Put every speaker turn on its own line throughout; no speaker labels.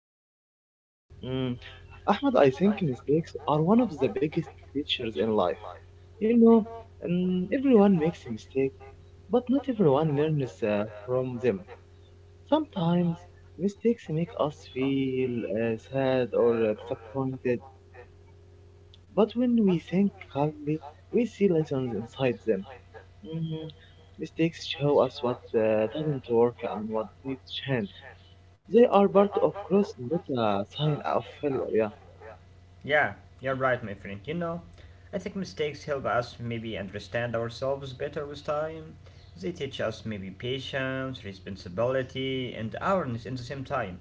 thank you.
Mm, Ahmed, I think mistakes are one of the biggest teachers in life. You know, Everyone makes a mistake, but not everyone learns from them. Sometimes mistakes make us feel sad or disappointed, but when we think calmly, we see lessons inside them. Mm, Mistakes show us what doesn't work and what needs change. They are part of growth, not a sign of failure. Yeah.
Yeah, you're right, my friend. You know, I think mistakes help us maybe understand ourselves better with time. They teach us maybe patience, responsibility, and awareness at the same time.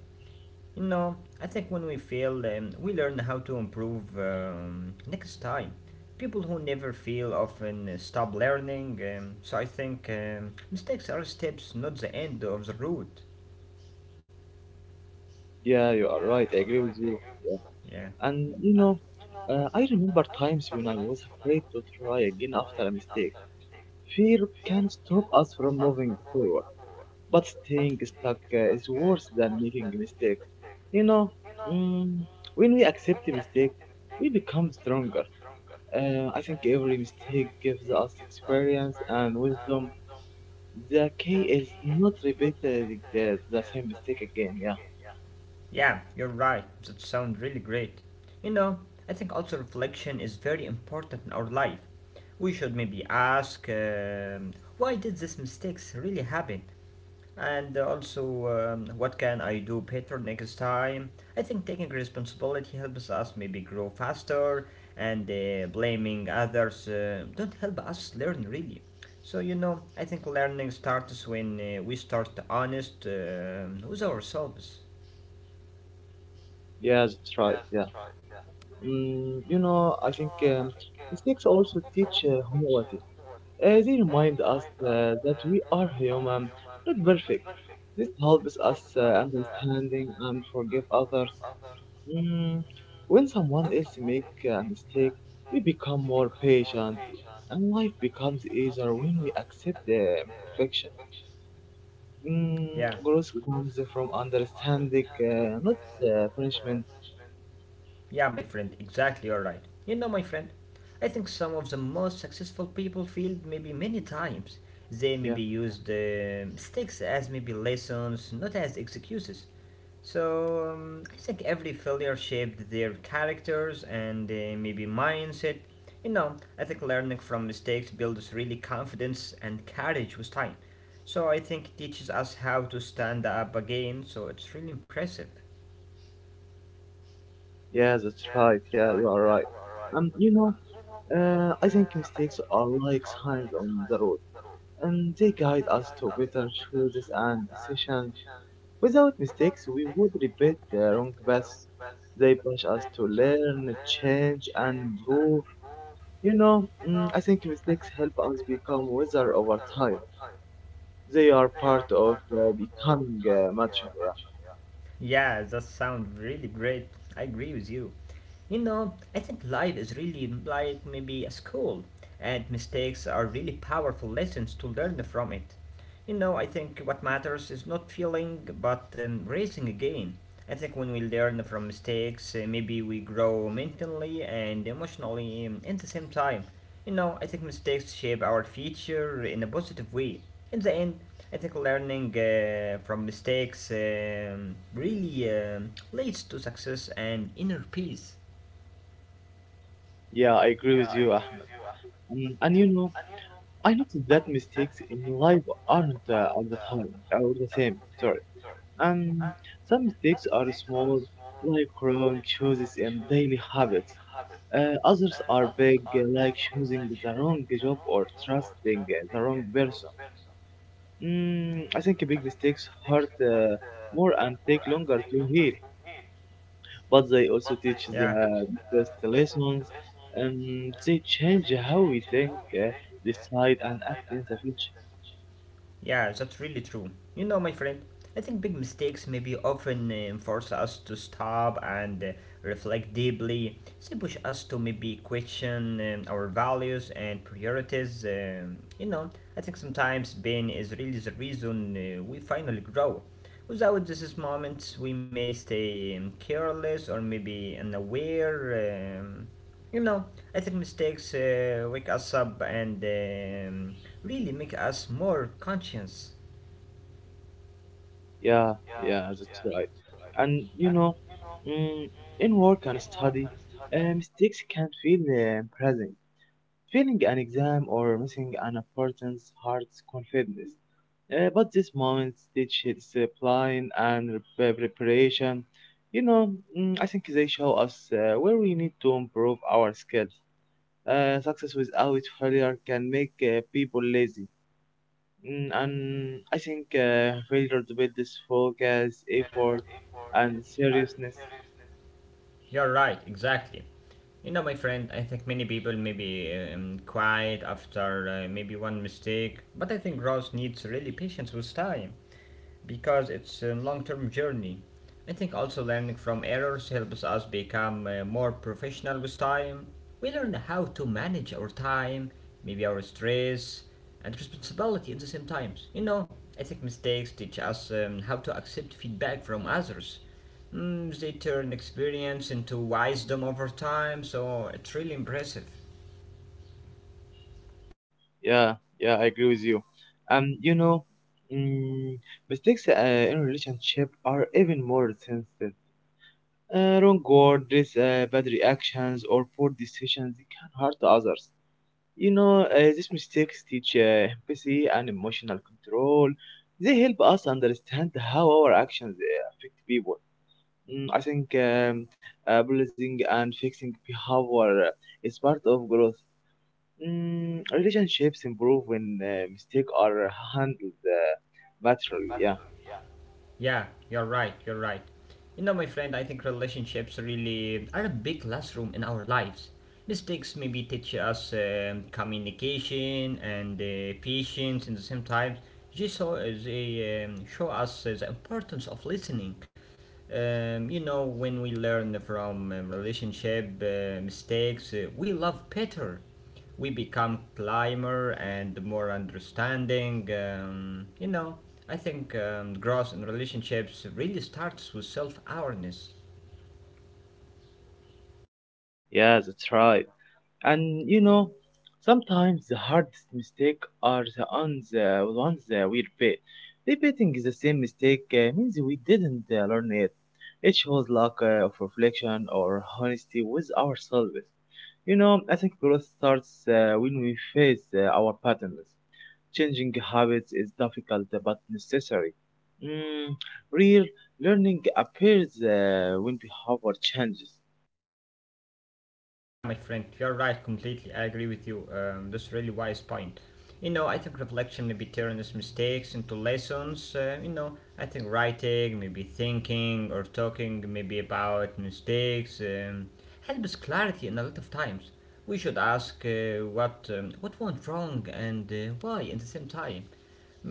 You know, I think when we fail, we learn how to improve next time. People who never fail often stop learning, so I think mistakes are steps, not the end of the road.
Yeah, you are right. I agree with you.
Yeah.
Yeah. And I remember times when I was afraid to try again after a mistake. Fear can stop us from moving forward, but staying stuck is worse than making mistakes. You know, mm, when we accept a mistake, we become stronger. I think every mistake gives us experience and wisdom. The key is not repeating the same mistake again. Yeah.
Yeah, you're right. That sounds really great. You know, I think also reflection is very important in our life. We should maybe ask why did these mistakes really happen? And also, what can I do better next time? I think taking responsibility helps us maybe grow faster, and blaming others don't help us learn really. So, you know, I think learning starts when we start honest with ourselves.
Yeah, that's right. Yeah. You know, I think mistakes also teach humility. They remind us that we are human, not perfect. This helps us understanding and forgive others. Mm, when someone else make a mistake, we become more patient, and life becomes easier when we accept the perfection. Mm,
Yeah.
Growth comes from understanding, not punishment.
Yeah, my friend, exactly, you're right. You know, my friend, I think some of the most successful people failed maybe many times. They
Yeah.
maybe used mistakes as maybe lessons, not as excuses. So I think every failure shaped their characters and maybe mindset. You know, I think learning from mistakes builds really confidence and courage with time. So I think it teaches us how to stand up again. So it's really impressive.
Yeah, that's right. Yeah, you are right. Um, you know, I think mistakes are like signs on the road, and they guide us to better choices and decisions. Without mistakes, we would repeat the wrong paths. They push us to learn, change, and improve. I think mistakes help us become wiser over time. They are part of becoming mature. Yeah.
Yeah, that sounds really great. I agree with you. You know, I think life is really like maybe a school, and mistakes are really powerful lessons to learn from it. You know, I think what matters is not feeling, but raising again. I think when we learn from mistakes, maybe we grow mentally and emotionally at the same time. You know, I think mistakes shape our future in a positive way. In the end, I think learning from mistakes really leads to success and inner peace.
Yeah, I agree with you, Ahmed. And you know, I noticed that mistakes in life aren't all the time, all the same. Sorry. Um, some mistakes are small, like wrong choices in daily habits. Others are big, like choosing the wrong job or trusting the wrong person. I think big mistakes hurt more and take longer to heal, but they also teach
Yeah.
the best lessons. They change how we think, uh, decide, and act in the future.
Yeah, that's really true. You know, my friend, I think big mistakes maybe often force us to stop and reflect deeply. They push us to maybe question our values and priorities. You know, I think sometimes pain is really the reason we finally grow. Without these moments, we may stay careless or maybe unaware. You know, I think mistakes wake us up and really make us more conscious.
Yeah, yeah, that's right. And mm, in work and study, mistakes can feel embarrassing. Failing an exam or missing an importance hurts confidence. But these moments teach discipline and preparation. I think they show us where we need to improve our skills. Success without failure can make people lazy. And I think failure to build this focus, effort, and seriousness.
You're right, exactly. You know, my friend, I think many people may be quiet after maybe one mistake, but I think growth needs really patience with time. Because it's a long-term journey. I think also learning from errors helps us become more professional with time. We learn how to manage our time, maybe our stress and responsibility at the same times. You know, I think mistakes teach us how to accept feedback from others. Mm, they turn experience into wisdom over time, so it's really impressive.
Yeah, yeah, I agree with you. Um, you know, mm, Mistakes in relationship are even more sensitive. Wrong words, bad reactions, or poor decisions they can hurt others. These mistakes teach empathy and emotional control. They help us understand how our actions affect people. I think apologizing and fixing behavior is part of growth. Relationships improve when mistakes are handled maturely. Yeah.
Yeah, you're right. You know, my friend, I think relationships really are a big classroom in our lives. Mistakes maybe teach us communication and patience and the same time. They show us the importance of listening. You know, when we learn from relationship mistakes, we love better, we become climber and more understanding. You know, I think growth in relationships really starts with self awareness.
Yeah, that's right. And you know, sometimes the hardest mistake are the ones, we repeat. Repeating the same mistake means we didn't learn it. It shows lack of reflection or honesty with ourselves. You know, I think growth starts when we face our patterns. Changing habits is difficult but necessary. Mm, Real learning appears when behavior changes.
Yeah, my friend, you're right completely. I agree with you. That's a really wise point. You know, I think reflection maybe turns mistakes into lessons. You know, I think writing, maybe thinking or talking maybe about mistakes helps clarity in a lot of times. We should ask what went wrong and why at the same time.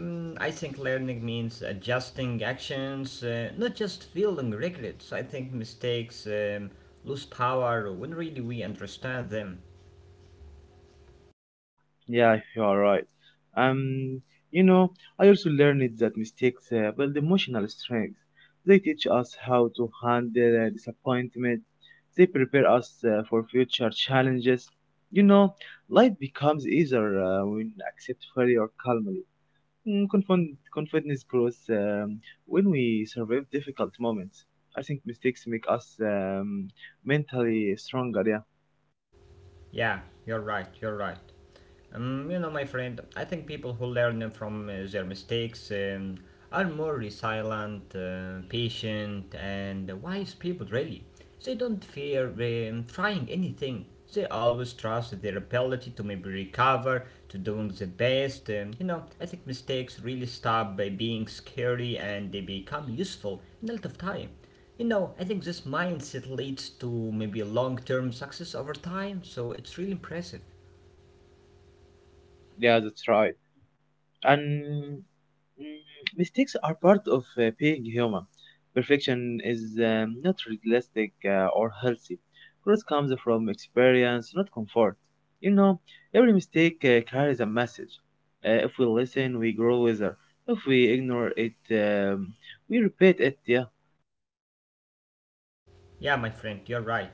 Mm, I think learning means adjusting actions, not just feeling regrets. I think mistakes lose power when really we understand them.
Yeah, you are right. Um, you know, I also learned that mistakes build emotional strength. They teach us how to handle disappointment. They prepare us for future challenges. You know, life becomes easier when we accept failure calmly. Confidence grows when we survive difficult moments. I think mistakes make us mentally stronger. Yeah,
Yeah, you're right. You know, my friend, I think people who learn from their mistakes are more resilient, patient, and wise people, really. They don't fear trying anything. They always trust their ability to maybe recover, to doing the best. You know, I think mistakes really stop by being scary and they become useful in a lot of time. You know, I think this mindset leads to maybe a long term success over time, so it's really impressive.
yeah, that's right. And mm, mistakes are part of being human. Perfection is not realistic or healthy. Growth comes from experience, not comfort. You know, every mistake carries a message. If we listen, we grow wiser. If we ignore it, we repeat it. Yeah,
Yeah, my friend, you're right.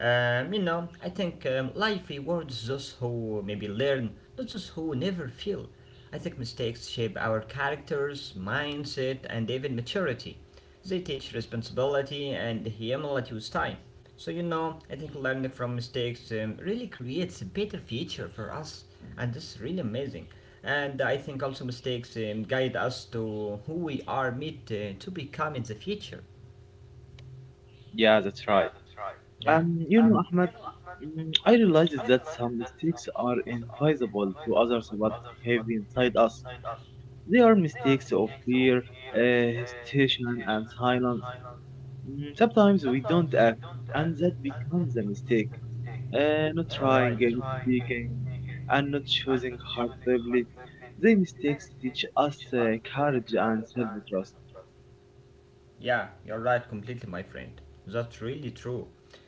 You know, I think life rewards those who maybe learn, not those who never feel. I think mistakes shape our characters, mindset, and even maturity. They teach responsibility and humility with time. So, you know, I think learning from mistakes really creates a better future for us, and this is really amazing. And I think also mistakes guide us to who we are meant to become in the future.
yeah, that's right.
Yeah.
You know, Ahmed, I realized that some mistakes are invisible to others but heavy inside us. They are mistakes of fear, hesitation, and silence. Sometimes we don't act, and that becomes a mistake. Not trying, not speaking, and not choosing heartily. They mistakes teach us courage and self-trust.
Yeah, you're right completely, my friend. That's really true.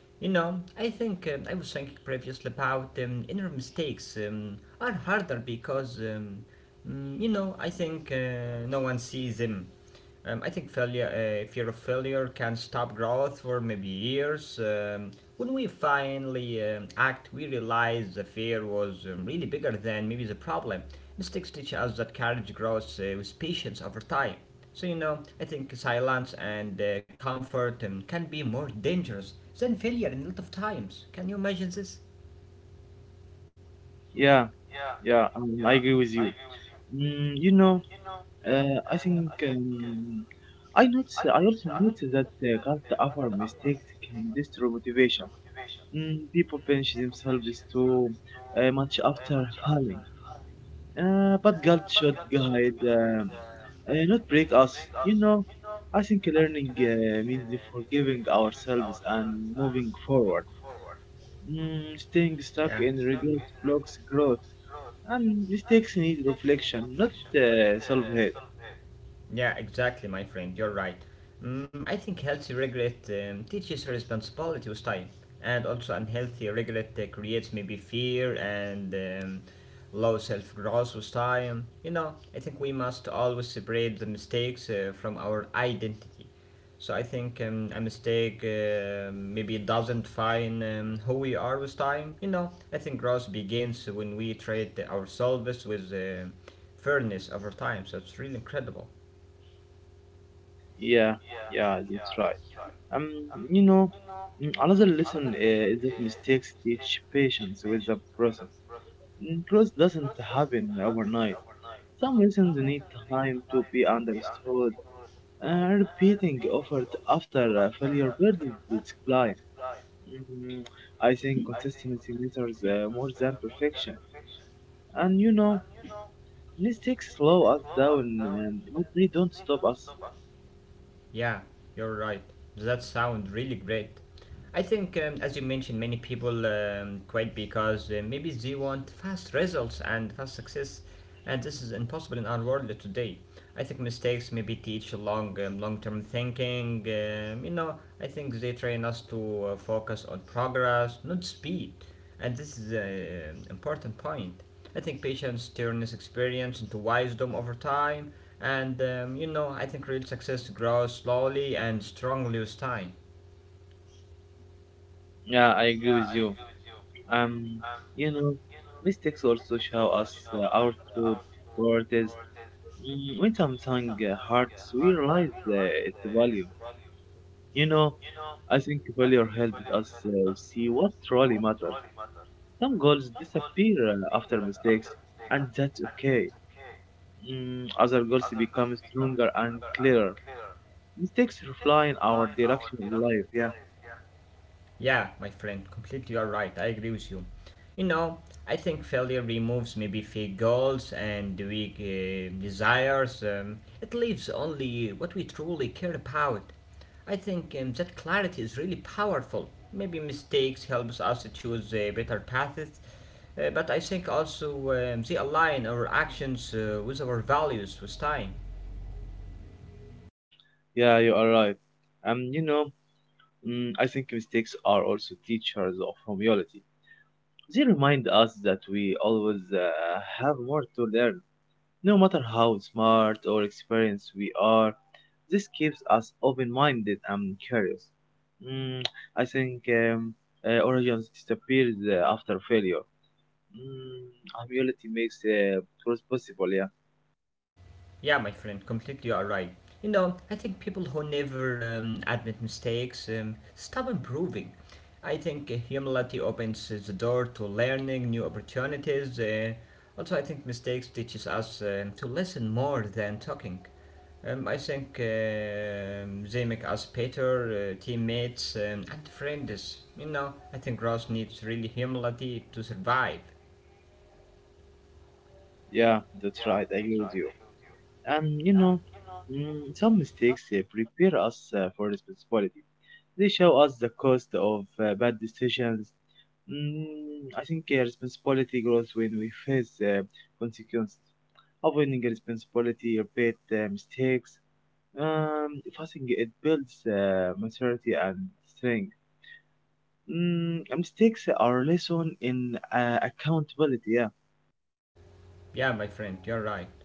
You know, I think I was thinking previously about inner mistakes are harder because, you know, I think no one sees them. I think failure, fear of failure can stop growth for maybe years. When we finally act, we realize the fear was really bigger than maybe the problem. Mistakes teach us that courage grows with patience over time. So, you know, I think silence and comfort can be more dangerous than failure in a lot of times. Can you imagine this?
Yeah, yeah, I agree with you. You know, I think I also notice that cult after mistakes can destroy motivation. People punish themselves too much after falling. But guilt should guide, not break us. You know, I think learning means forgiving ourselves and moving forward. Staying stuck
Yeah.
in regret blocks growth, and mistakes need reflection, not self-hate.
Yeah, exactly, my friend. You're right. Mm, I think healthy regret teaches responsibility with time, and also unhealthy regret creates maybe fear and low self growth with time. You know, I think we must always separate the mistakes from our identity. So I think a mistake maybe doesn't define who we are with time. You know, I think growth begins when we treat ourselves with fairness over time. So it's really incredible.
Yeah, yeah, that's right. Um, you know, another lesson is that mistakes teach patience with the process. Growth doesn't happen overnight. Some lessons need time to be understood. Repeating effort after failure burdens its client. Mm, I think consistency matters more than perfection. And you know, mistakes slow us down, but they don't stop us.
Yeah, you're right. Does That sounds really great. I think, as you mentioned, many people quit because maybe they want fast results and fast success, and this is impossible in our world today. I think mistakes maybe teach long-term thinking. You know, I think they train us to focus on progress, not speed, and this is an important point. I think patience turns experience into wisdom over time, and you know, I think real success grows slowly and strongly with time.
Yeah, I agree with you. Um, you know, mistakes also show us our true worth. When something hurts, we realize its value. You know, I think failure helps us see what truly matters. Some goals disappear after mistakes, and that's okay. Other goals become stronger and clearer. Mistakes refine our direction in life. Yeah,
Yeah, my friend, completely you're right. I agree with you. You know, I think failure removes maybe fake goals and weak desires. It leaves only what we truly care about. I think that clarity is really powerful. Maybe mistakes helps us to choose better paths, but I think also they align our actions with our values with time.
yeah, you are right. You know, I think mistakes are also teachers of humility. They remind us that we always have more to learn, no matter how smart or experienced we are. This keeps us open-minded and curious. Mm, I think origins disappears after failure. Mm, Humility makes progress possible. Yeah,
Yeah, my friend, completely are right. You know, I think people who never admit mistakes stop improving. I think humility opens the door to learning new opportunities. Also, I think mistakes teaches us to listen more than talking. I think they make us better teammates and friends. You know, I think growth needs really humility to survive.
yeah, that's right. I agree with you. And you know, some mistakes prepare us for responsibility. They show us the cost of bad decisions. I think responsibility grows when we face consequences. Avoiding responsibility, repeat mistakes. Fasting it builds maturity and strength. Mistakes are lesson in accountability. Yeah.
Yeah, my friend, you're right.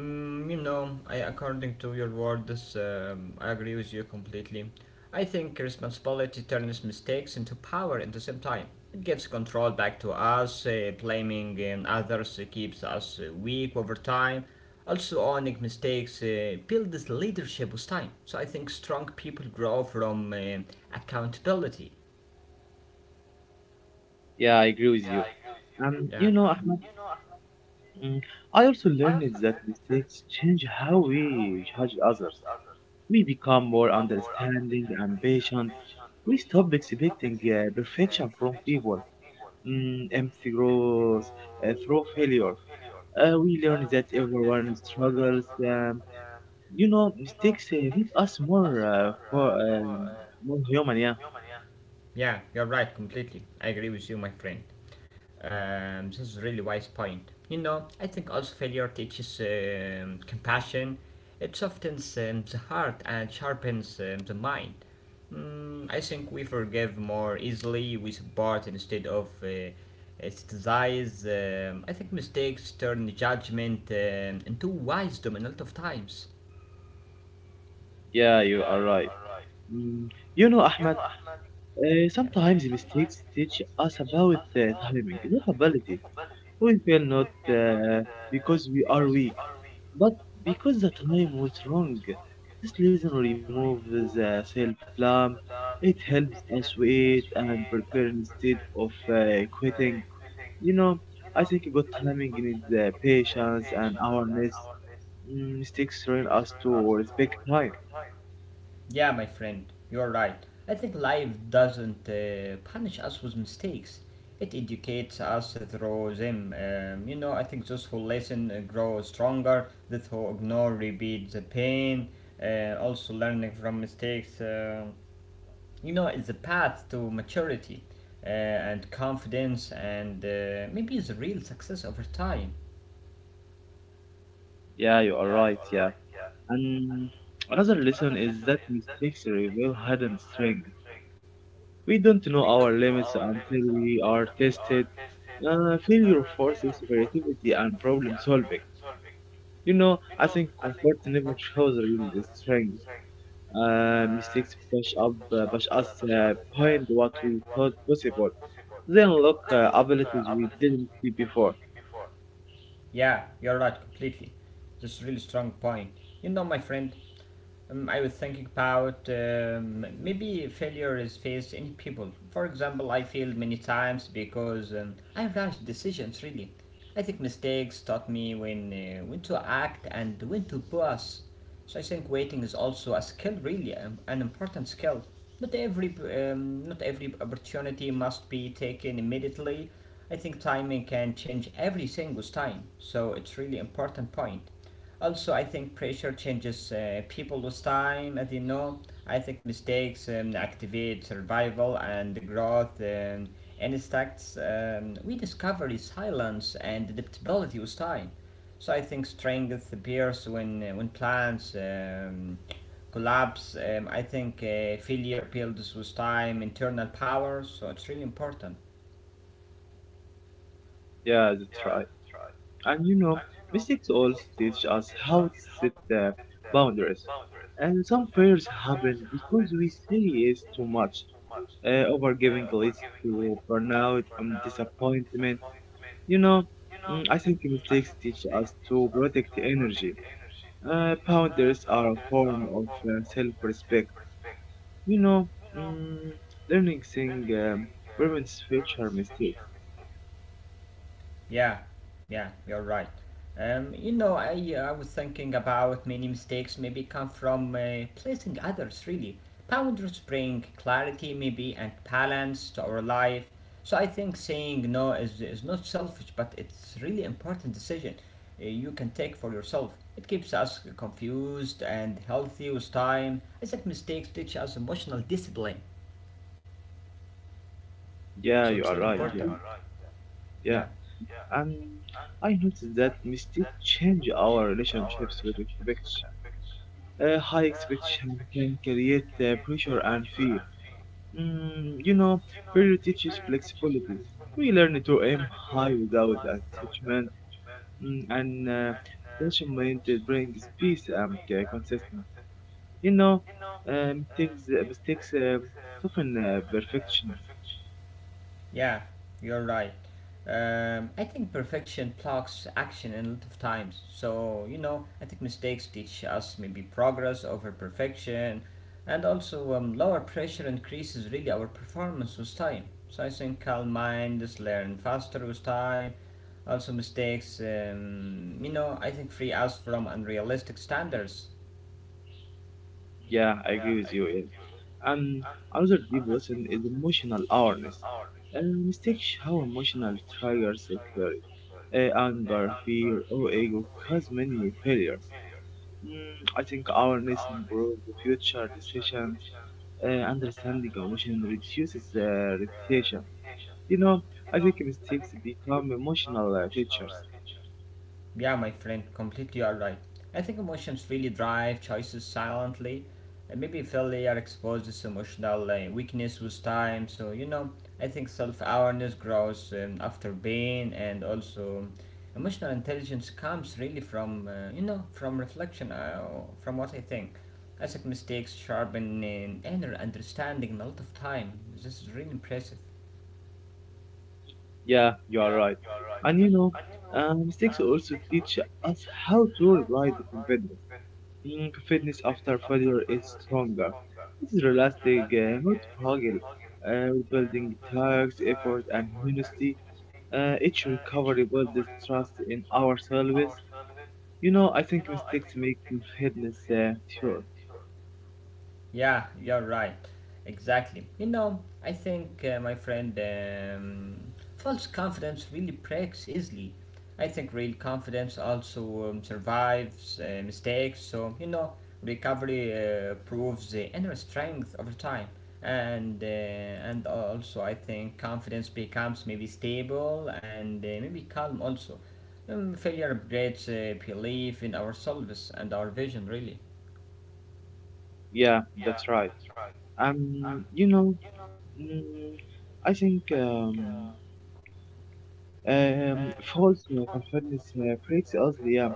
Mm, you know, I, according to your words, I agree with you completely. I think responsibility turns mistakes into power at the same time. It gives control back to us, blaming others keeps us weak over time. Also, owning mistakes builds leadership with time. So I think strong people grow from accountability.
Yeah, I agree with you.
Yeah,
You know, Ahmed, mm, I also learned that mistakes change how we judge others. We become more understanding and patient. We stop expecting perfection from people. Empathy grows through failure. We learn that everyone struggles. You know, mistakes make us more human. Yeah.
yeah, you're right completely. I agree with you, my friend. This is a really wise point. You know, I think also failure teaches compassion. It softens the heart and sharpens the mind. Mm, I think we forgive more easily. We support instead of criticize. I think mistakes turn judgment into wisdom a lot of times.
Yeah, you are right. mm. You know, Ahmed,
Yeah.
sometimes mistakes teach us about timing, not ability. We feel not uh, because we are weak, but because the time was wrong. This lesson removes self-blame. It helps us wait and prepare instead of quitting. You know, I think good timing needs patience and awareness. Mistakes train us to respect time.
Yeah, my friend, you're right. I think life doesn't punish us with mistakes. It educates us through them. You know, I think those who listen grow stronger, those who ignore repeat the pain. Also, learning from mistakes, you know, is the path to maturity and confidence and maybe is a real success over time.
Yeah, you are right. Yeah. And another lesson is that mistakes reveal hidden strength. We don't know our limits until we are tested. Failure forces creativity and problem solving. You know, I think comfort never shows real strength. Mistakes push us behind what we thought possible. They unlock abilities we didn't see before.
Yeah, you're right completely. That's a really strong point. You know, my friend, I was thinking about maybe failure is faced in people. For example, I failed many times because I rushed decisions. Really, I think mistakes taught me when to act and when to pause. So I think waiting is also a skill, really, an important skill. Not every opportunity must be taken immediately. I think timing can change everything with time. So it's really important point. Also, I think pressure changes people with time, as you know. I think mistakes activate survival and the growth instincts. We discover resilience and adaptability with time. So I think strength appears when plans collapse. I think failure builds with time internal power. So it's really important.
Yeah, that's right. And you know, mistakes also teach us how to set the boundaries. And some failures happen because we say yes too much. Overgiving leads to burnout and disappointment. You know, I think mistakes teach us to protect energy. Boundaries are a form of self-respect. You know, mm, Learning thing prevents future mistakes.
Yeah, yeah, you're right. You know, I was thinking about many mistakes maybe come from placing others, really. Boundaries bring clarity, maybe, and balance to our life. So I think saying no is not selfish, but it's really important decision you can take for yourself. It keeps us confused and healthy with time. I think mistakes teach us emotional discipline.
Yeah,
So
you
it's
are
really
right.
important.
Yeah,
Yeah.
yeah. And I noticed that mistakes change our relationships with expectation. High expectation can create pressure and fear. You know, failure teaches flexibility. We learn to aim high without attachment, and attachment brings peace and consistency. You know, um, things, Mistakes soften perfections.
Yeah, you're right. I think perfection blocks action a lot of times. So, you know, I think mistakes teach us maybe progress over perfection. And also, lower pressure increases really our performance with time. So, I think calm minds learn faster with time. Also, mistakes, you know, I think free us from unrealistic standards.
Yeah, I agree with you. Yeah. And another deep lesson is emotional awareness. Uh, Mistakes how emotional triggers occur. Anger, fear, or ego cause many failures. I think awareness improves the future decisions. Understanding emotion reduces repetition. You know, I think mistakes become emotional teachers.
Yeah, my friend, completely alright. I think emotions really drive choices silently. And maybe if they are exposed to this emotional weakness with time, so you know, I think self awareness grows after pain, and also emotional intelligence comes really from you know from reflection. From what I think mistakes sharpen in inner understanding a lot of time. This is really impressive.
Yeah, you are right. And you know, mistakes also teach us how to rebuild confidence. Fitness after failure is stronger. It is realistic, not fragile. Rebuilding tags, effort, and honesty. Each recovery builds trust in ourselves. You know, I think mistakes make fitness sure.
Yeah, you're right. Exactly. You know, I think, my friend, false confidence really breaks easily. I think real confidence also survives mistakes. So, you know, recovery proves the inner strength over time. And uh, and also, I think confidence becomes maybe stable and maybe calm also. Failure upgrades belief in ourselves and our vision, really.
Yeah, that's right. You know, mm, I think false confidence breaks us. Yeah,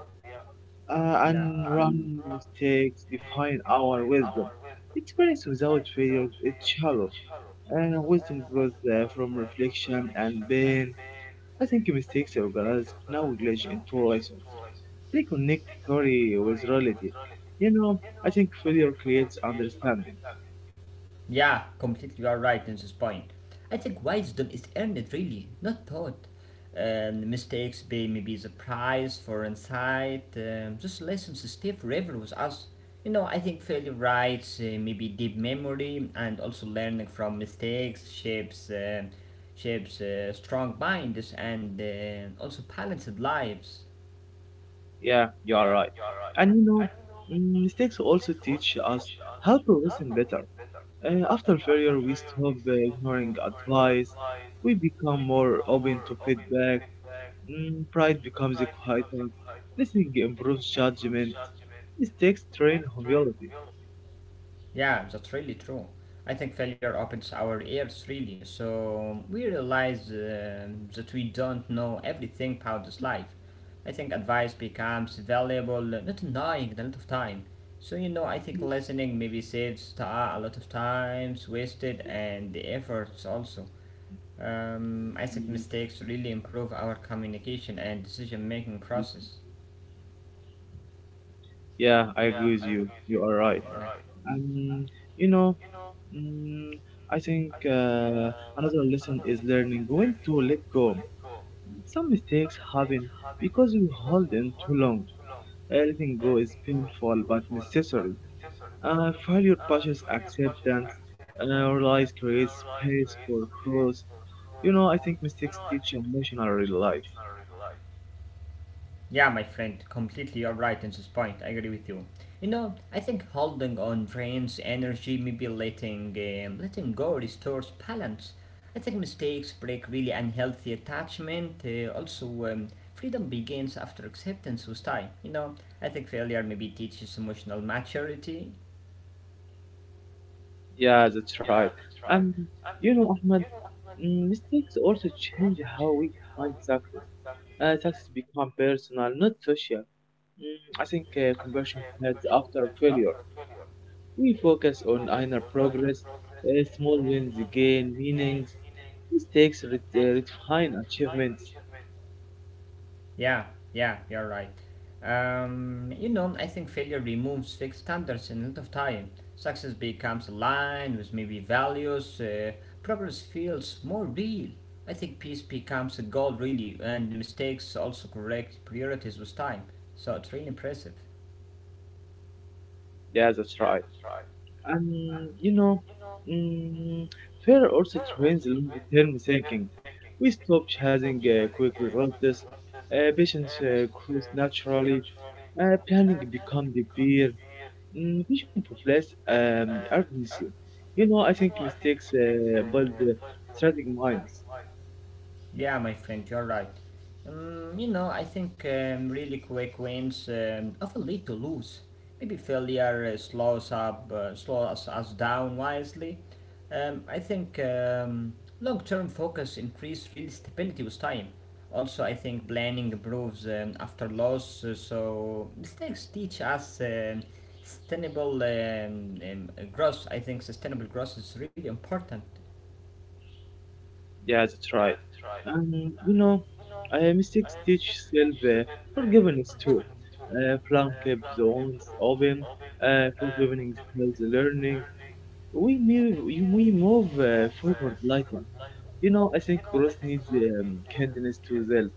and running mistakes define our wisdom. Experience without failure is shallow, and wisdom grows from reflection and pain. I think mistakes are organized knowledge into lessons. They connect theory with reality. You know, I think failure creates understanding.
Yeah, completely. You are right in this point. I think wisdom is earned, really, not taught. Mistakes pay maybe the price for insight. Those lessons stay forever with us. You know, I think failure rights, maybe deep memory, and also learning from mistakes shapes shapes strong minds and also balanced lives.
Yeah, you are right. And you know, mistakes also teach us how to listen better. After failure, we stop ignoring advice. We become more open to feedback. Pride becomes quieter. Listening improves judgment. Mistakes train humility.
Yeah, that's really true. I think failure opens our ears really, so we realize that we don't know everything about this life. I think advice becomes valuable, not annoying a lot of time. So you know, I think listening maybe saves a lot of times wasted and the efforts also. I think mistakes really improve our communication and decision making process.
Yeah, I agree with you. You are right. And you know, mm, I think another lesson is learning when to let go. Some mistakes happen because we hold them too long. Letting go is painful but necessary. Failure pushes acceptance, relies creates space for growth. You know, I think mistakes teach emotional life.
Yeah, my friend, completely you're right in this point. I agree with you. You know, I think holding on drains energy, maybe letting letting go restores balance. I think mistakes break really unhealthy attachment. Also, um, freedom begins after acceptance with time. You know, I think failure maybe teaches emotional maturity.
Yeah, that's right. And you know, Ahmed, mistakes also change how we define success. Success become personal, not social. I think conversion fades after failure. We focus on inner progress, small wins gain meanings. Mistakes re- uh, redefine achievements.
Yeah, yeah, you're right. You know, I think failure removes fixed standards in a lot of time. Success becomes aligned with maybe values. Problems feels more real. I think peace becomes a goal really, and the mistakes also correct priorities with time. So it's really impressive.
Yeah, that's right. And you know, mm, fear also trains long-term thinking. We stop chasing quick results. Patience grows naturally. Planning becomes the beer. Vision replace urgency. You know, I think mistakes build strategic minds.
Yeah, my friend, you're right. You know, I think really quick wins often lead to lose. Maybe failure slows us down wisely. I think long-term focus increase real stability with time. Also, I think planning improves after loss, so mistakes teach us sustainable growth. I think sustainable growth is really important.
Yeah, that's right. And you know, mistakes teach self forgiveness too. Plum kept the wounds open, forgiveness, helps learning. We move forward lighter. You know, I think growth needs kindness to self,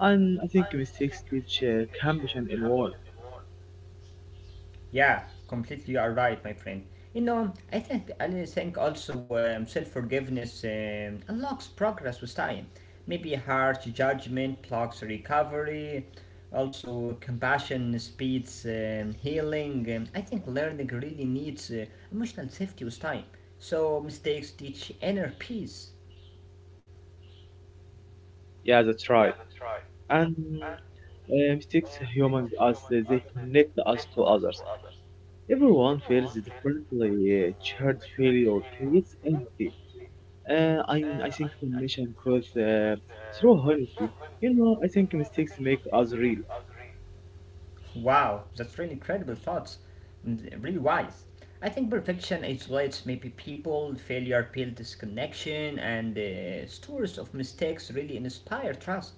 and I think mistakes teach compassion in war.
Yeah, completely you are right, my friend. You know, I think also self forgiveness unlocks progress with time. Maybe harsh judgment blocks recovery. Also, compassion speeds healing. I think learning really needs emotional safety with time. So mistakes teach inner peace.
Yeah, that's right. And mistakes humans us; they connect us to others. Everyone feels differently. Shared failure creates empathy. Uh, I, I think mission grows through honesty. You know, I think mistakes make us real.
Wow, that's really incredible thoughts. Mm, really wise. I think perfection isolates maybe people, failure builds disconnection, and stories of mistakes really inspire trust.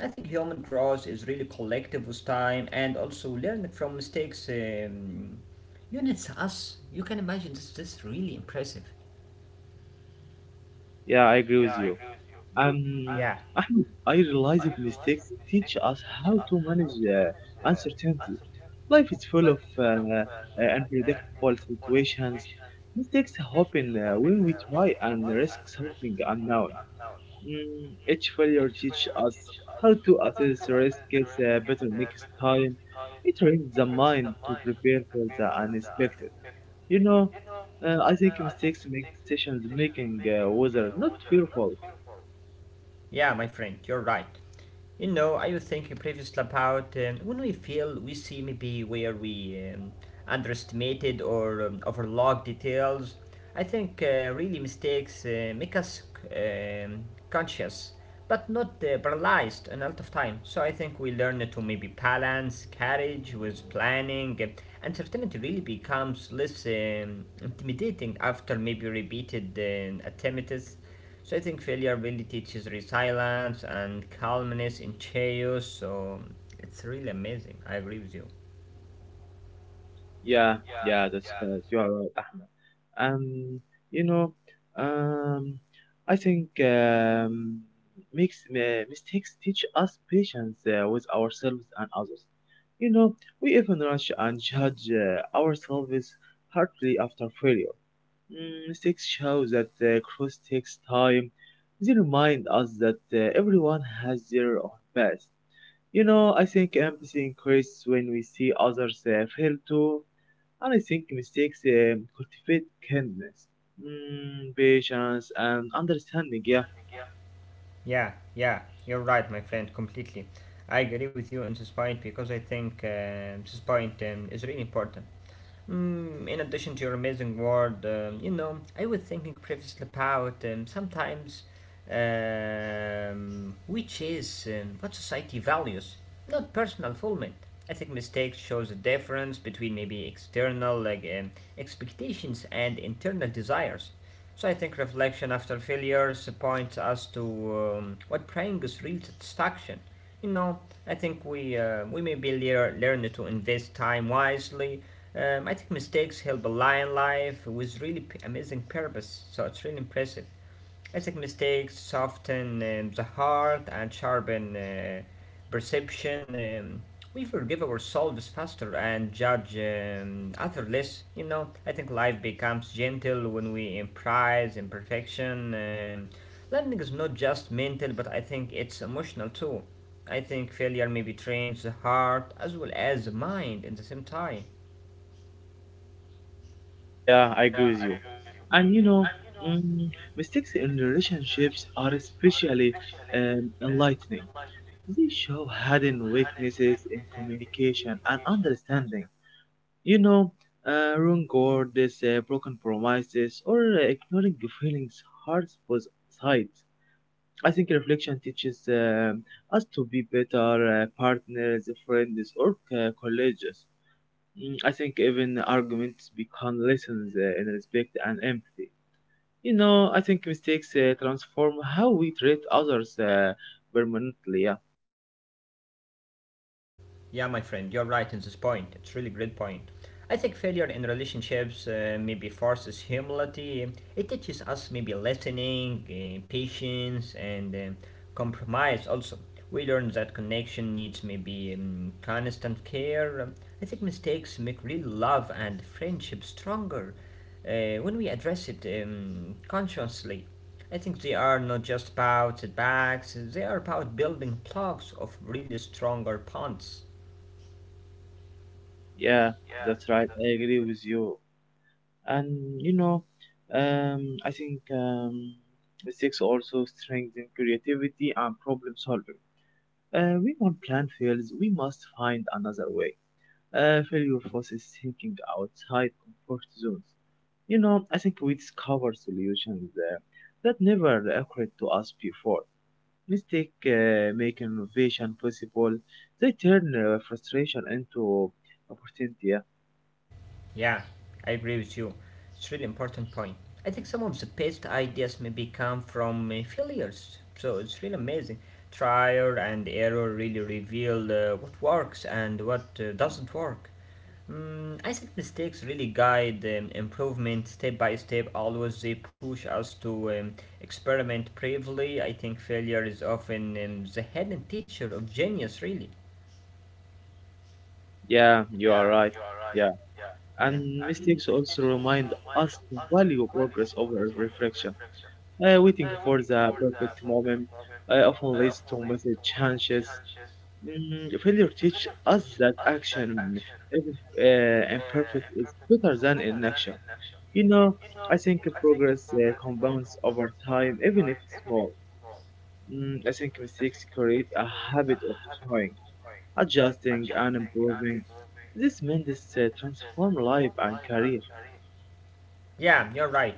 I think human growth is really collective with time, and also learning from mistakes units us. You can imagine this, is really impressive.
Yeah, I agree with you. Um,
Yeah,
Ahmed, I realize that mistakes teach us how to manage uncertainty. Life is full of unpredictable situations. Mistakes happen when we try and risk something unknown. Each failure teaches us how to assess risk better next time. It trains the mind to prepare for the unexpected. You know, I think mistakes make decisions making whether not fearful.
yeah, my friend, you're right. You know, I was thinking previously about when we feel we see maybe where we underestimated or overlooked details. I think really mistakes make us conscious, but not paralyzed a lot of time. So I think we learn to maybe balance courage with planning. And uncertainty really becomes less intimidating after maybe repeated attempts. So I think failure really teaches resilience and calmness in chaos. So it's really amazing. I agree with you.
Yeah, yeah, that's right. You are right, Ahmed. Um, you know, um, I think makes mistakes teach us patience with ourselves and others. You know, we even rush and judge ourselves hardly after failure. Mistakes show that growth takes time. They remind us that everyone has their own path. You know, I think empathy increases when we see others fail too, and I think mistakes cultivate kindness, patience, and understanding. Yeah,
Yeah, yeah, you're right, my friend, completely. I agree with you in this point because I think this point is really important. Mm, in addition to your amazing word, you know, I was thinking previously about sometimes which is what society values, not personal fulfillment. I think mistakes shows a difference between maybe external like expectations and internal desires. So I think reflection after failures points us to what brings real satisfaction. You know, I think we may be learn to invest time wisely. I think mistakes help a lion life with really amazing purpose. So it's really impressive. Ethnic mistakes soften the heart and sharpen perception. We forgive ourselves faster and judge others less. You know, I think life becomes gentle when we embrace imperfection. Learning is not just mental, but I think it's emotional too. I think failure maybe trains the heart as well as the mind in the same time.
yeah, I agree with you. And you know, mm, mistakes in relationships are especially enlightening. They show hidden weaknesses in communication and understanding. You know, wrong words, broken promises, or ignoring feelings hurts both sides. I think reflection teaches us to be better partners, friends, or colleagues. I think even arguments become lessons in respect and empathy. You know, I think mistakes transform how we treat others permanently. Yeah,
Yeah, my friend, you're right in this point. It's really great point. I think failure in relationships maybe forces humility. It teaches us maybe listening, patience, and compromise. Also, we learn that connection needs maybe constant care. I think mistakes make real love and friendship stronger when we address it consciously. I think they are not just about setbacks; they are about building blocks of really stronger bonds.
yeah, that's right. I agree with you. And you know, I think mistakes also strengthen creativity and problem solving. When one plan fails, we must find another way. Failure forces thinking outside comfort zones. You know, I think we discover solutions that never occurred to us before. Mistake make innovation possible. They turn frustration into opportunity. Yeah,
Yeah, I agree with you. It's really important point. I think some of the best ideas maybe come from failures. So it's really amazing. Trial and error really reveal what works and what doesn't work. Mm, I think mistakes really guide improvement step by step. Always they push us to experiment bravely. I think failure is often the hidden teacher of genius. Really,
yeah, you are right. Yeah,
yeah,
and mistakes also remind us to value progress over reflection. Waiting for the perfect moment often leads to missed chances. Failure teach us that action, if imperfect, is better than inaction. You know, I think progress compounds over time, even if small. I think mistakes create a habit of trying, adjusting, and improving. This means transform life and career.
yeah, you're right.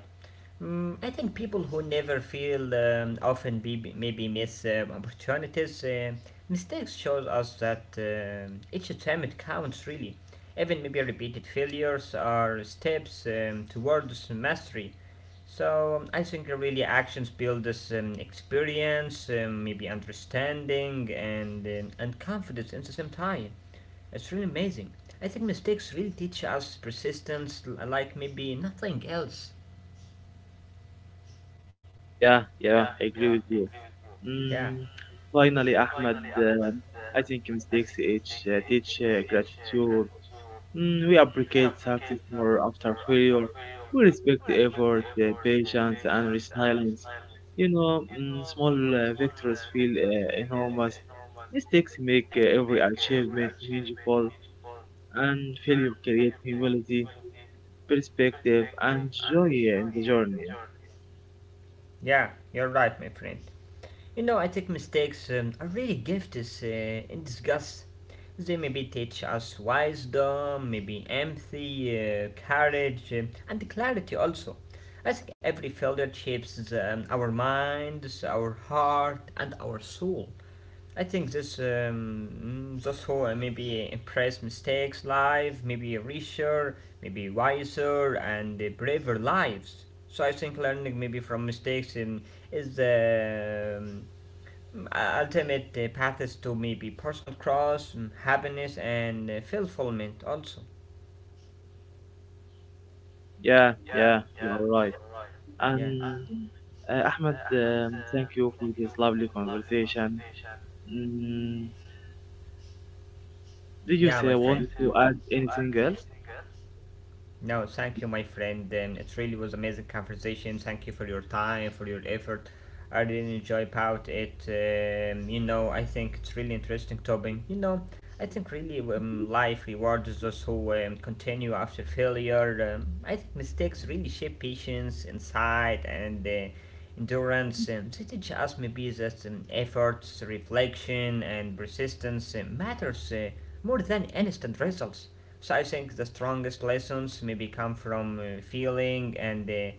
Mm, I think people who never feel often be, maybe miss opportunities. Mistakes shows us that each attempt counts really. Even maybe repeated failures are steps towards mastery. So I think really actions build this experience, maybe understanding and and confidence at the same time. It's really amazing. I think mistakes really teach us persistence, like maybe nothing else.
Yeah, yeah, I agree with you.
Yeah.
Mm, finally, Ahmed, I think mistakes teach gratitude. We appreciate success more after failure. We respect the effort, the patience, and resilience. You know, small victories feel enormous. Mistakes make every achievement meaningful, and failure creates humility, perspective, and joy in the journey.
Yeah, you're right, my friend. You know, I think mistakes are really gift is in disgust. They maybe teach us wisdom, maybe empathy, courage, and clarity also. I think every failure shapes our minds, our heart, and our soul. I think this those who maybe impress mistakes live maybe richer, maybe wiser and braver lives. So I think learning maybe from mistakes is the ultimate path to maybe personal cross, happiness and fulfillment also.
Yeah, yeah, you are right.
Yeah,
And Ahmed, thank you for this lovely conversation. Mm, did you
yeah, my
say
friend.
want to add anything else?
No, thank you, my friend. It really was amazing conversation. Thank you for your time, for your effort. I really enjoy about it. You know, I think it's really interesting topic. You know, I think really life rewards those who continue after failure. I think mistakes really shape patience, insight, and endurance sims. It teaches us maybe that efforts, reflection, and persistence matters more than instant results. So I think the strongest lessons maybe come from feeling and uh,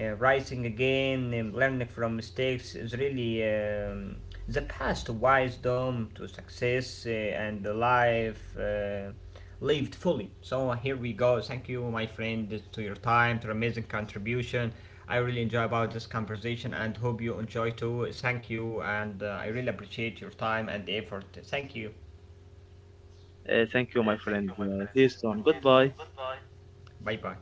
uh, rising again. Learning from mistakes is really the path to wisdom, to success, and life. Lived fully. So here we go. Thank you, my friend, to your time, to your amazing contribution. I really enjoy about this conversation and hope you enjoy too. Thank you, and I really appreciate your time and the effort. Thank you.
Thank you, my friend. See you soon. Goodbye.
Bye bye.